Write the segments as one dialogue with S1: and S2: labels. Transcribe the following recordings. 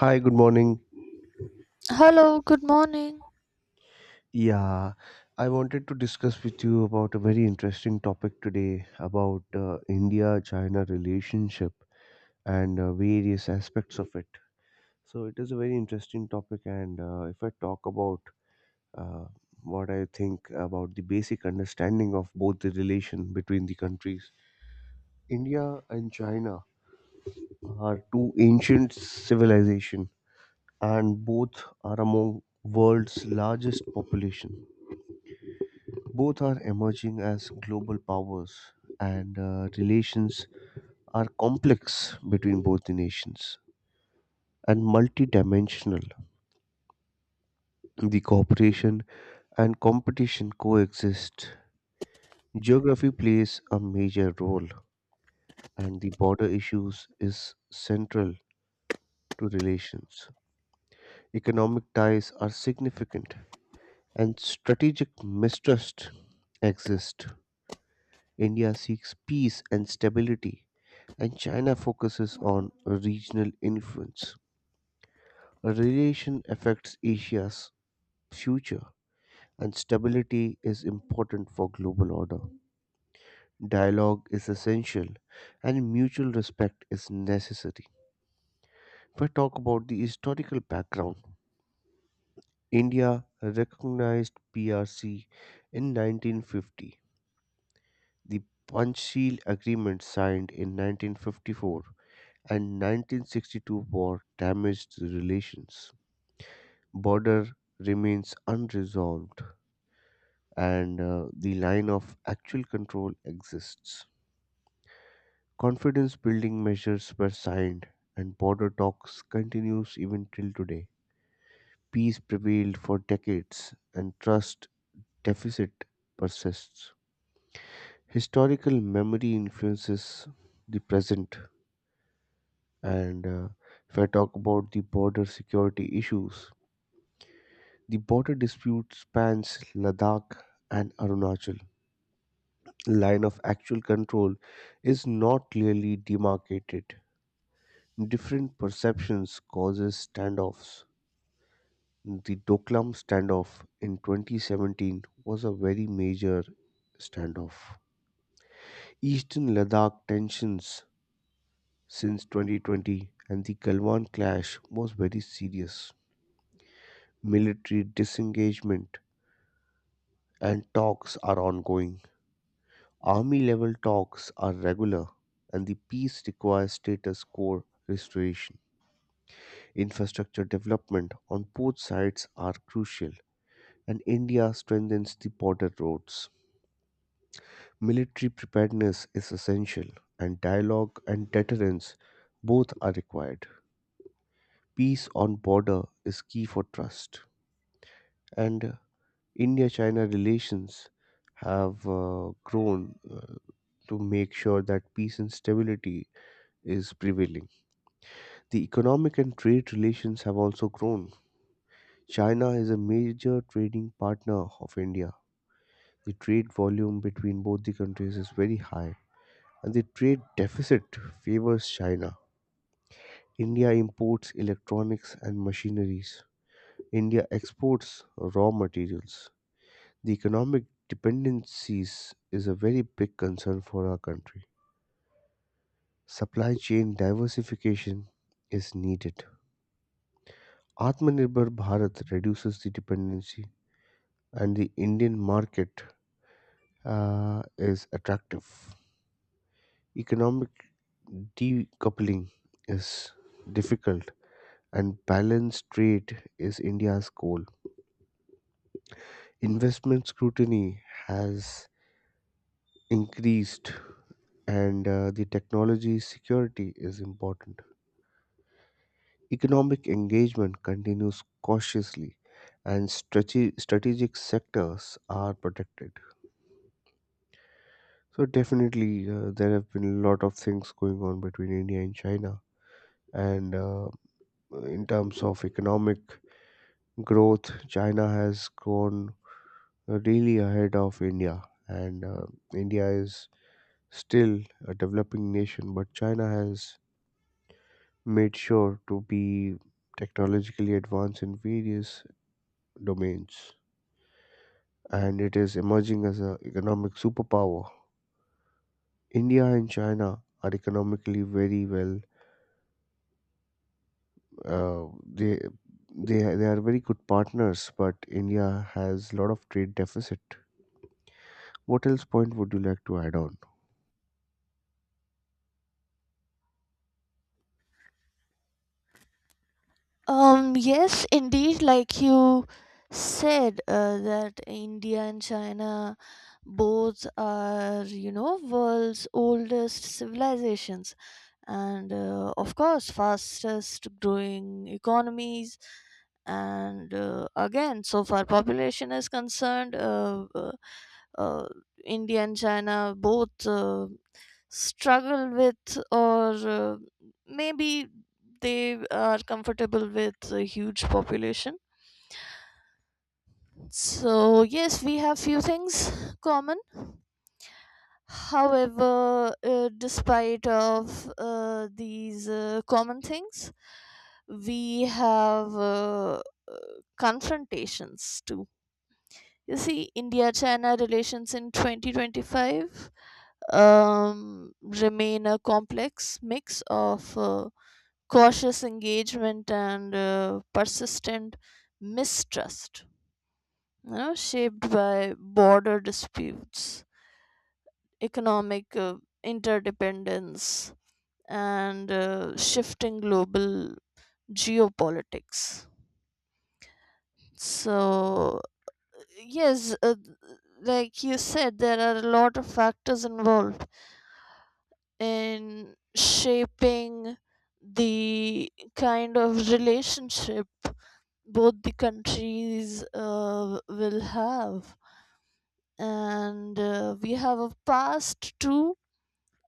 S1: Hi, good morning.
S2: Hello, good morning.
S1: Yeah, I wanted to discuss with you about a very interesting topic today about India China relationship and various aspects of it. So, it is a very interesting topic, and if I talk about uh, what I think about the basic understanding of both the relation between the countries, India and China are two ancient civilization and both are among world's largest population. Both are emerging as global powers, and relations are complex between both the nations and multidimensional. The cooperation and competition coexist. Geography plays a major role, and the border issues is central to relations. Economic ties are significant, and strategic mistrust exists. India seeks peace and stability and China focuses on regional influence. A relation affects Asia's future, and stability is important for global order. Dialogue is essential, and mutual respect is necessary. If I talk about the historical background, India recognized PRC in 1950. The Panchsheel Agreement signed in 1954 and 1962 war damaged the relations. Border remains unresolved and the line of actual control exists. Confidence building measures were signed and border talks continues even till today. Peace prevailed for decades and trust deficit persists. Historical memory influences the present, and if I talk about the border security issues, the border dispute spans Ladakh and Arunachal. Line of actual control is not clearly demarcated. Different perceptions causes standoffs. The Doklam standoff in 2017 was a very major standoff. Eastern Ladakh tensions since 2020 and the Galwan clash was very serious. Military disengagement and talks are ongoing. Army level talks are regular and the peace requires status quo restoration. Infrastructure development on both sides are crucial, and India strengthens the border roads. Military preparedness is essential, and dialogue and deterrence both are required. Peace on border is key for trust. And India China relations have grown to make sure that peace and stability is prevailing. The economic and trade relations have also grown. China is a major trading partner of India. The trade volume between both the countries is very high, and the trade deficit favors China. India imports electronics and machineries. India exports raw materials. The economic dependencies is a very big concern for our country. Supply chain diversification is needed. Atmanirbhar Bharat reduces the dependency, and the Indian market is attractive. Economic decoupling is difficult, and balanced trade is India's goal. Investment scrutiny has increased, and the technology security is important. Economic engagement continues cautiously, and strategic sectors are protected. So definitely, there have been a lot of things going on between India and China, and in terms of economic growth, China has grown really ahead of India, and India is still a developing nation, but China has made sure to be technologically advanced in various domains, and it is emerging as an economic superpower. India and China are economically very well. Uh, they they are very good partners, but India has a lot of trade deficit. What else point would you like to add on?
S2: Yes, indeed, like you said, that India and China both are, you know, world's oldest civilizations, and of course fastest growing economies, and again so far population is concerned, uh, india and china both struggle with, or maybe they are comfortable with a huge population, so yes, we have few things common. However, despite of these common things, we have uh, confrontations too. You see, India-China relations in 2025 remain a complex mix of cautious engagement and persistent mistrust, you know, shaped by border disputes, economic interdependence, and shifting global geopolitics. So, yes, like you said, there are a lot of factors involved in shaping the kind of relationship both the countries will have. And we have a past too,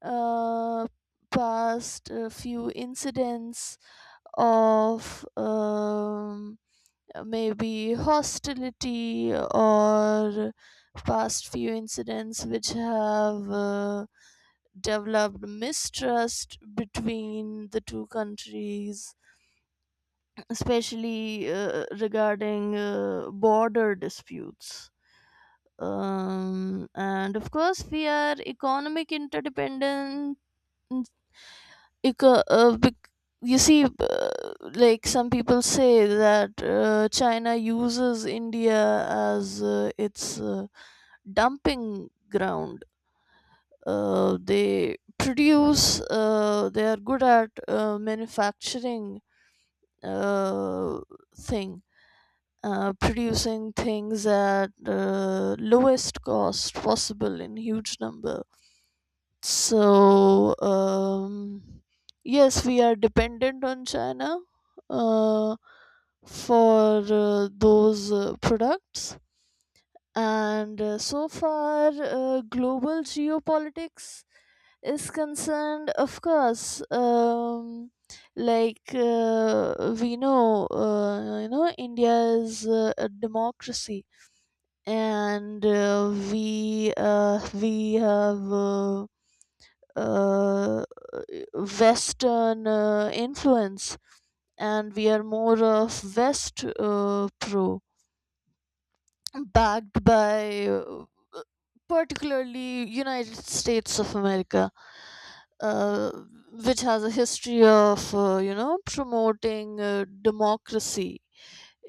S2: uh, past a few incidents of maybe hostility, or past few incidents which have developed mistrust between the two countries, especially regarding border disputes. And of course, we are economic interdependent. Ec- uh, bec- you see, like some people say that China uses India as its dumping ground. They produce, they are good at manufacturing uh, thing, producing things at lowest cost possible in huge number. So, yes, we are dependent on China uh, for those products. And so far, global geopolitics is concerned, of course, like we know, you know, India is a democracy, and we have. Uh, Western influence, and we are more of West pro, backed by particularly United States of America, uh, which has a history of, you know, promoting democracy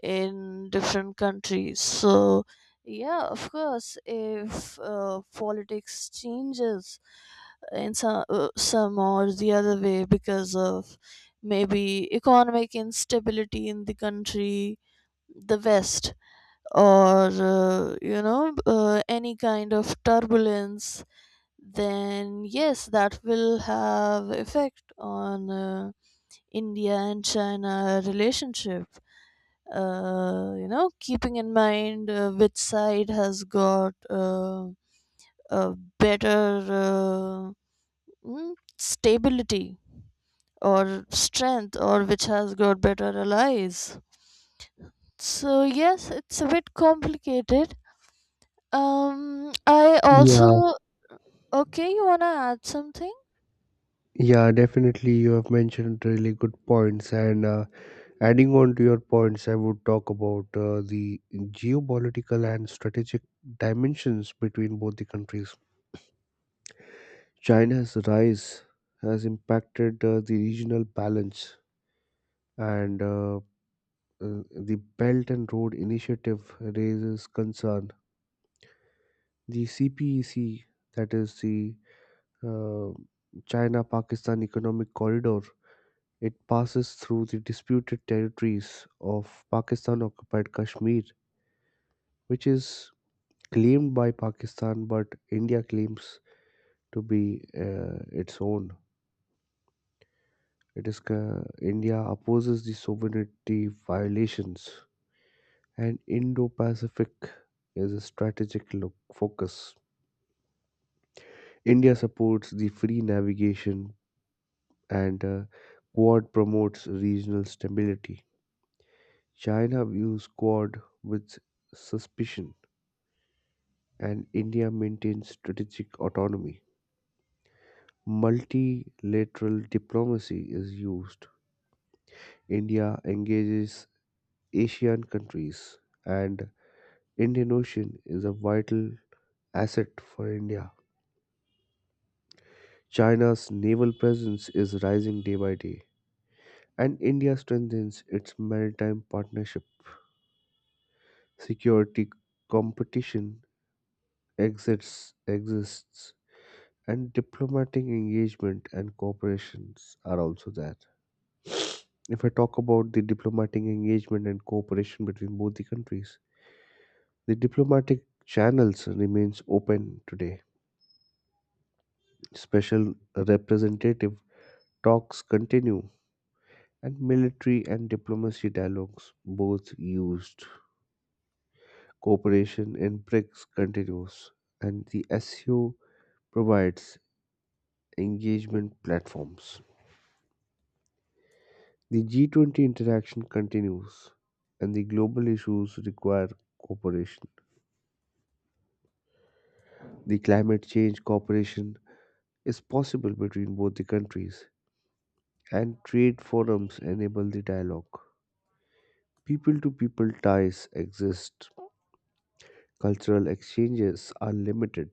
S2: in different countries. So, yeah, of course, if politics changes in some or the other way because of maybe economic instability in the country, the West, or you know, any kind of turbulence, then yes, that will have effect on India and China relationship, you know, keeping in mind which side has got a better stability or strength, or which has got better allies. So yes, it's a bit complicated. I
S1: Yeah,
S2: also okay. You wanna add something?
S1: yeah, definitely. You have mentioned really good points. And adding on to your points, I would talk about the geopolitical and strategic dimensions between both the countries. China's rise has impacted the regional balance, and the Belt and Road Initiative raises concern. The CPEC, that is the uh, China Pakistan Economic Corridor, it passes through the disputed territories of Pakistan occupied Kashmir, which is claimed by Pakistan but India claims to be its own. India opposes the sovereignty violations, and Indo Pacific is a focus. India supports the free navigation, and Quad promotes regional stability. China views Quad with suspicion and India maintains strategic autonomy. Multilateral diplomacy is used. India engages ASEAN countries, and Indian Ocean is a vital asset for India. China's naval presence is rising day by day, and India strengthens its maritime partnership. Security competition exists, and diplomatic engagement and cooperations are also there. If I talk about the diplomatic engagement and cooperation between both the countries, the diplomatic channels remains open today. Special representative talks continue and military and diplomacy dialogues both used. Cooperation in BRICS continues and the SEO provides engagement platforms. The G20 interaction continues and the global issues require cooperation. The climate change cooperation is possible between both the countries, and trade forums enable the dialogue. People to people ties exist, cultural exchanges are limited,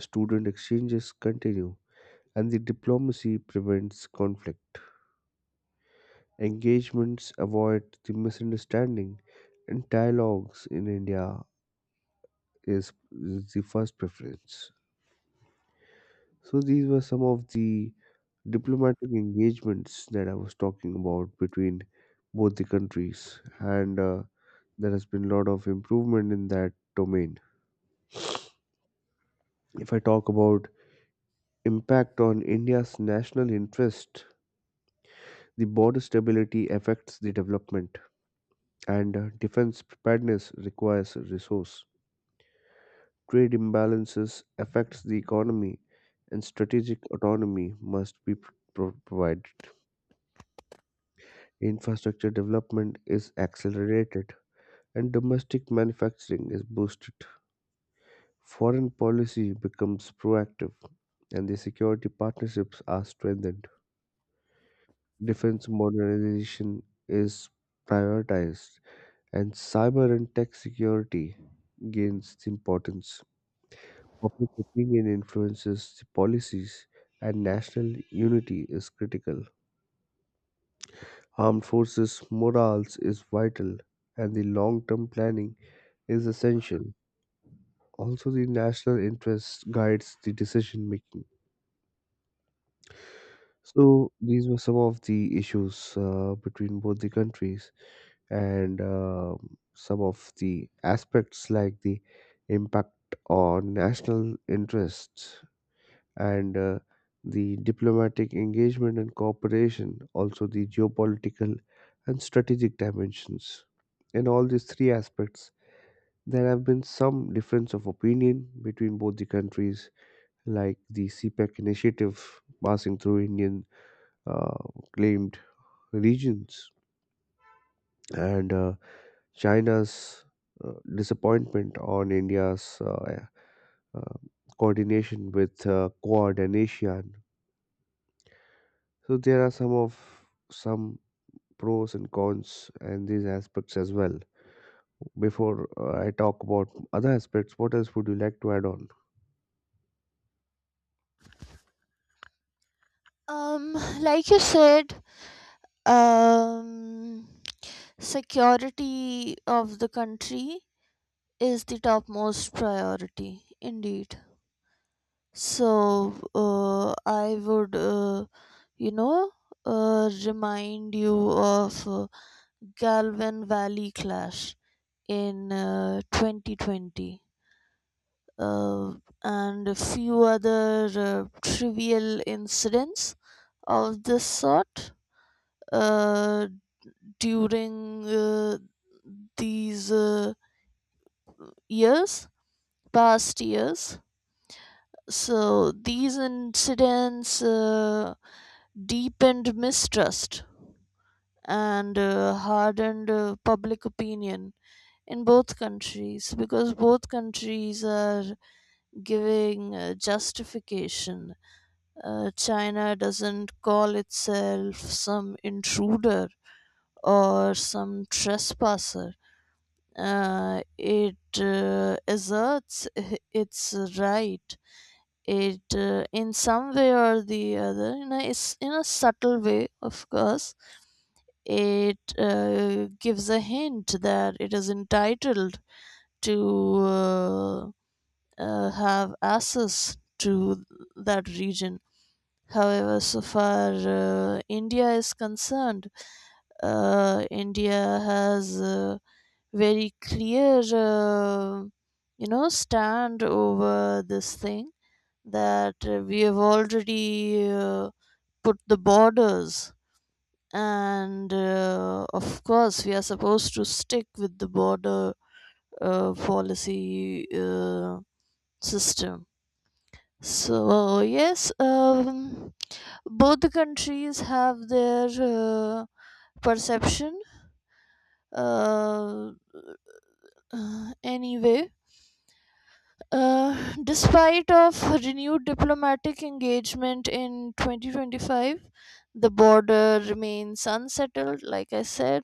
S1: student exchanges continue, and the diplomacy prevents conflict. Engagements avoid the misunderstanding, and dialogues in India is is the first preference. So, these were some of the diplomatic engagements that I was talking about between both the countries, and there has been a lot of improvement in that domain. If I talk about impact on India's national interest, the border stability affects the development, and defense preparedness requires resource. Trade imbalances affects the economy, and strategic autonomy must be provided. Infrastructure development is accelerated and domestic manufacturing is boosted. Foreign policy becomes proactive, and the security partnerships are strengthened. Defense modernization is prioritized, and cyber and tech security gains importance. Public opinion influences the policies, and national unity is critical. Armed forces morals is vital, and the long-term planning is essential. Also, the national interest guides the decision making. So, these were some of the issues between both the countries, and some of the aspects like the impact on national interests and the diplomatic engagement and cooperation, also the geopolitical and strategic dimensions. In all these three aspects, there have been some difference of opinion between both the countries like the CPEC initiative passing through Indian uh, claimed regions and China's disappointment on India's uh, coordination with Quad and ASEAN. So there are some pros and cons and these aspects as well. Before I talk about other aspects, what else would you like to add on?
S2: Um, like you said, um, security of the country is the topmost priority indeed, so I would, you know, remind you of galvin valley clash in 2020, uh, and a few other trivial incidents of this sort uh, during these years, past years. So these incidents deepened mistrust and hardened public opinion in both countries, because both countries are giving justification. China doesn't call itself some intruder or some trespasser. It asserts its right, it in some way or the other, it's in a subtle way, of course. It gives a hint that it is entitled to have access to that region. However, so far india is concerned, india has a very clear, you know, stand over this thing, that we have already put the borders, and of course we are supposed to stick with the border policy system. So yes, both the countries have their perception uh, anyway. Despite of renewed diplomatic engagement in 2025, the border remains unsettled, like I said,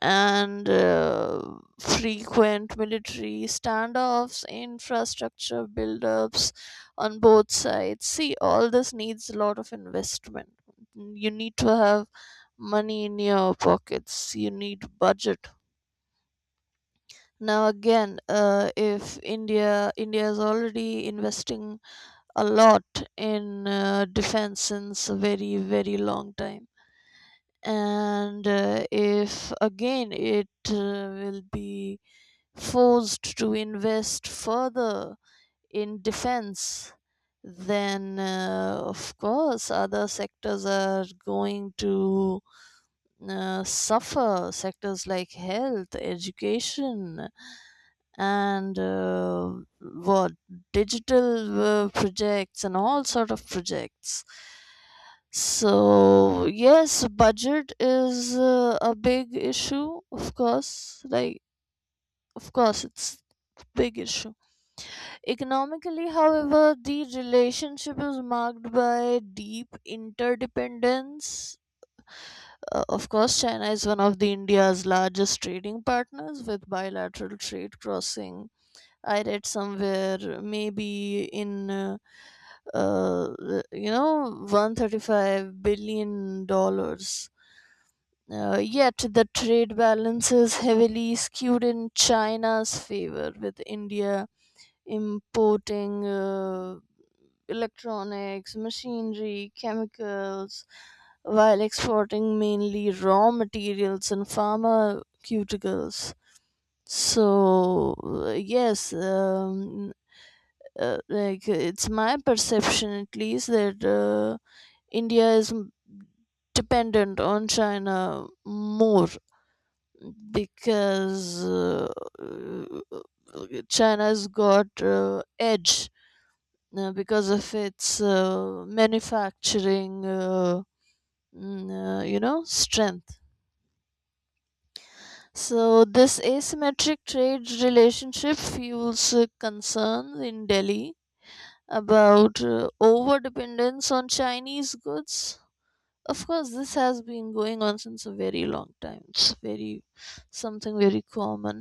S2: and frequent military standoffs, infrastructure buildups on both sides. See, all this needs a lot of investment. You need to have money in your pockets, you need budget. Now again, if India is already investing a lot in defense since a very very long time, and if again it will be forced to invest further in defense, then of course other sectors are going to suffer. Sectors like health, education, and what, digital projects and all sort of projects. So yes, budget is a big issue, of course. Like, of course, it's a big issue. Economically, however, the relationship is marked by deep interdependence. Of course, China is one of the India's largest trading partners with bilateral trade crossing. I read somewhere maybe in uh, you know 135 billion dollars. Yet the trade balance is heavily skewed in China's favor, with India importing electronics, machinery, chemicals, while exporting mainly raw materials and pharmaceuticals. So, yes, like it's my perception at least that India is dependent on China more, because uh, China's got edge because of its manufacturing, you know, strength. So this asymmetric trade relationship fuels concerns in delhi about over dependence on chinese goods. Of course this has been going on since a very long time, it's very, something very common,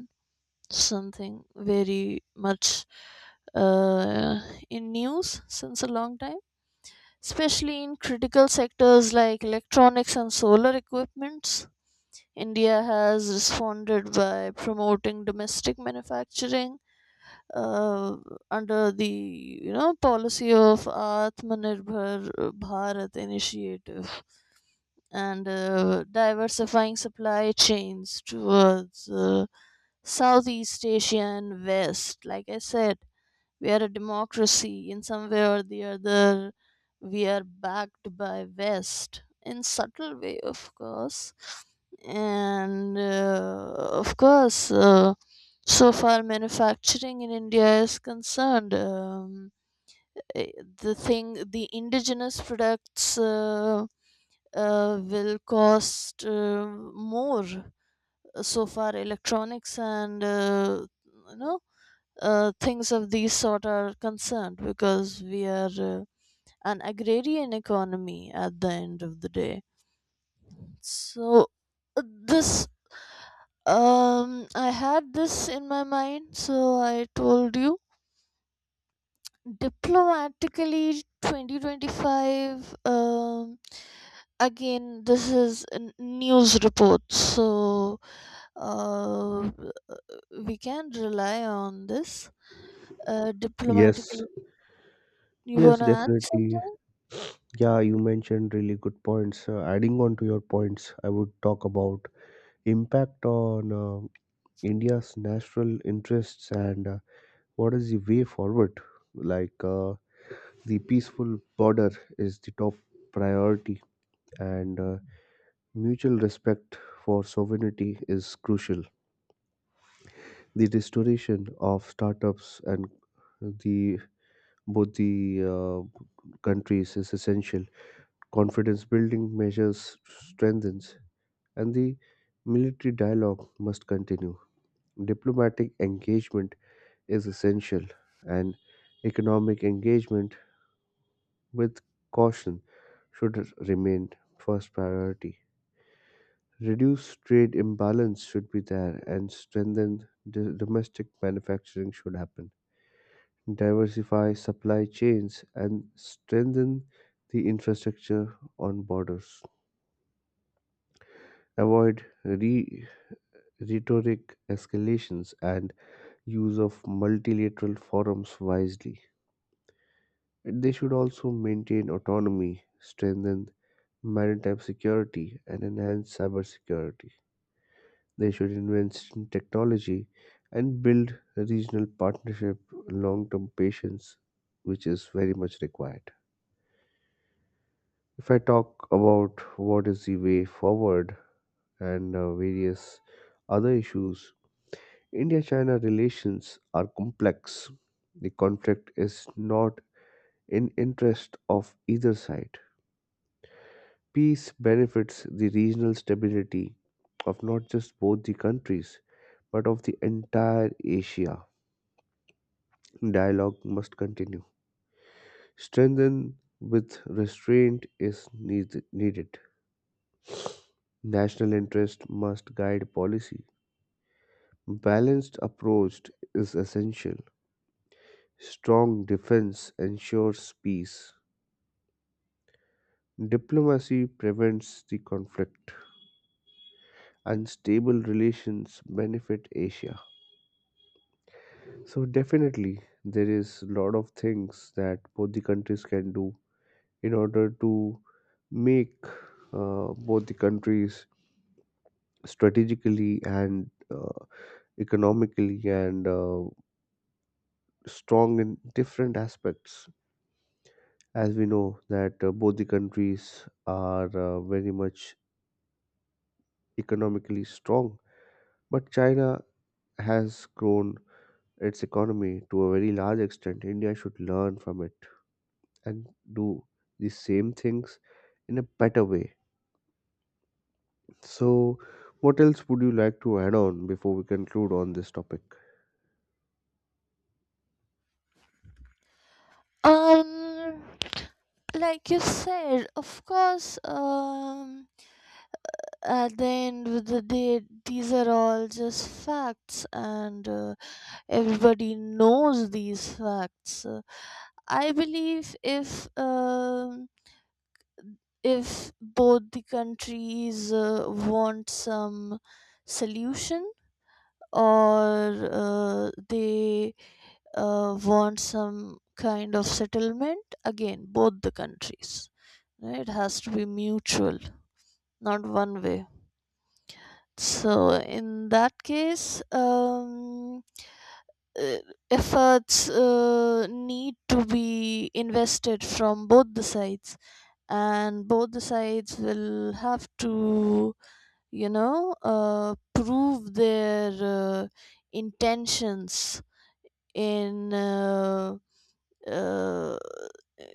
S2: something very much uh, in news since a long time, especially in critical sectors like electronics and solar equipments. India has responded by promoting domestic manufacturing uh, under the, you know, policy of Atmanirbhar Bharat initiative, and diversifying supply chains towards Southeast Asia and West. Like I said, we are a democracy in some way or the other, we are backed by west in subtle way, of course. And of course so far manufacturing in india is concerned, eh, the thing, the indigenous products will cost more, so far electronics and you know things of these sort are concerned, because we are an agrarian economy at the end of the day. So this, I had this in my mind so I told you. Diplomatically 2025, again this is a news report, so uh we can rely on this.
S1: Yes,
S2: Diplomatically. You
S1: yes,
S2: wanna add
S1: definitely.
S2: something?
S1: Yeah, you mentioned really good points. Adding on to your points, I would talk about impact on India's national interests and what is the way forward. Like the peaceful border is the top priority, and mutual respect for sovereignty is crucial. The restoration of startups and the both the countries is essential. Confidence building measures strengthens, and the military dialogue must continue. Diplomatic engagement is essential, and economic engagement with caution should remain first priority. Reduce trade imbalance should be there, and strengthen domestic manufacturing should happen. Diversify supply chains and strengthen the infrastructure on borders. Avoid re rhetoric escalations and use of multilateral forums wisely. They should also maintain autonomy, strengthen maritime security, and enhance cybersecurity. They should invest in technology and build a regional partnership, long term patience, which is very much required. If I talk about what is the way forward and various other issues, India China relations are complex. The conflict is not in interest of either side. Peace benefits the regional stability of not just both the countries but of the entire Asia. Dialogue must continue. Strengthen with restraint is needed. National interest must guide policy. Balanced approach is essential. Strong defense ensures peace. Diplomacy prevents the conflict, and stable relations benefit Asia. So definitely, there is a lot of things that both the countries can do in order to make both the countries strategically and economically and strong in different aspects. As we know that both the countries are very much economically strong, but China has grown its economy to a very large extent. India should learn from it and do the same things in a better way. So, what else would you like to add on before we conclude on this topic?
S2: Um, like you said, of course. At the end of the day, these are all just facts, and everybody knows these facts. I believe if both the countries want some solution, or they want some kind of settlement, again both the countries, right? It has to be mutual, not one way. So in that case, uh, efforts need to be invested from both the sides, and both the sides will have to, you know, prove their intentions in uh,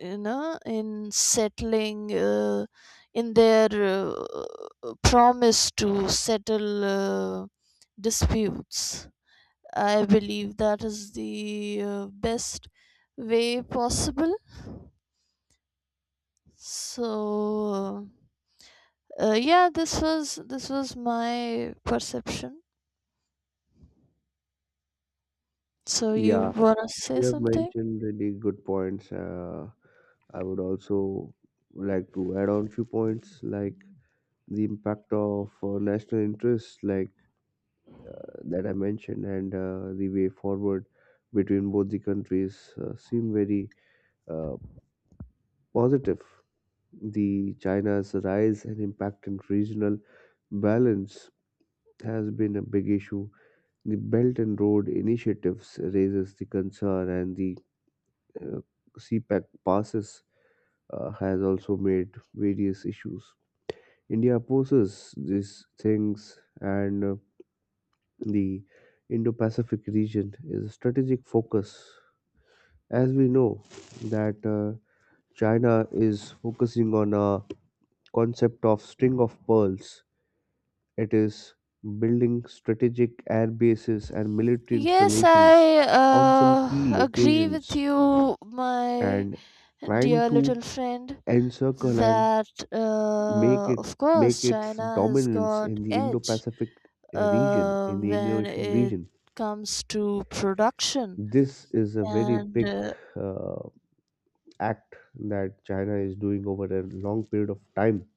S2: you know, in settling in their promise to settle disputes. I believe that is the best way possible. So uh, yeah, this was my perception, so you
S1: Yeah,
S2: wanna say
S1: you have
S2: something?
S1: mentioned really good points. I would also like to add on few points like the impact of national interests, like uh, that I mentioned, and the way forward between both the countries seem very uh, positive. The China's rise and impact on regional balance has been a big issue. The Belt and Road initiatives raises the concern, and the uh, CPAC passes has also made various issues. India opposes these things, and the Indo-Pacific region is a strategic focus. As we know that China is focusing on a concept of string of pearls. It is building strategic air bases and military
S2: Yes
S1: installations
S2: I
S1: on some
S2: uh,
S1: key
S2: agree with
S1: locations
S2: you, my
S1: and trying
S2: Dear
S1: to
S2: little friend,
S1: encircle and
S2: that
S1: make it
S2: of
S1: make
S2: course
S1: its
S2: China has
S1: dominance
S2: got
S1: in the
S2: edge
S1: Indo-Pacific region, in the Indian
S2: when
S1: Ocean
S2: it
S1: region.
S2: comes to production.
S1: This is a very
S2: And
S1: big
S2: uh,
S1: uh, act that China is doing over a long period of time,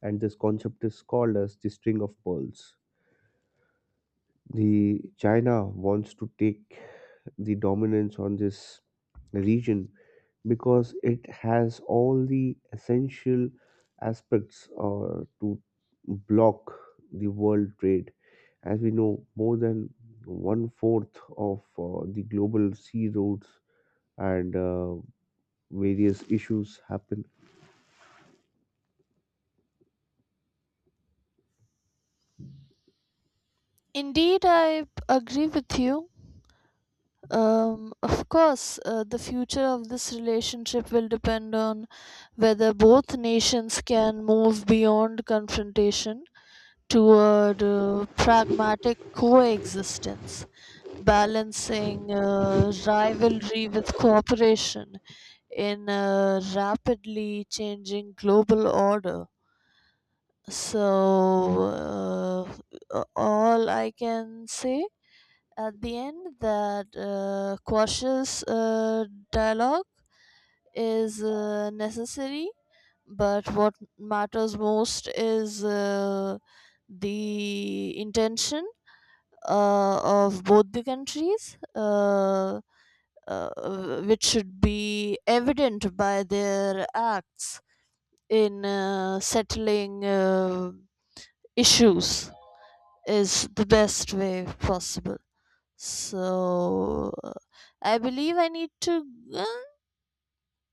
S1: and this concept is called as the string of pearls. The China wants to take the dominance on this region because it has all the essential aspects to block the world trade. As we know, more than one fourth of the global sea routes and various issues happen
S2: indeed, I agree with you. Of course, the future of this relationship will depend on whether both nations can move beyond confrontation toward pragmatic coexistence, balancing rivalry with cooperation in a rapidly changing global order. So, all I can say at the end that cautious dialogue is necessary, but what matters most is the intention uh, of both the countries. Which should be evident by their acts in settling issues is the best way possible. So I believe I need to uh,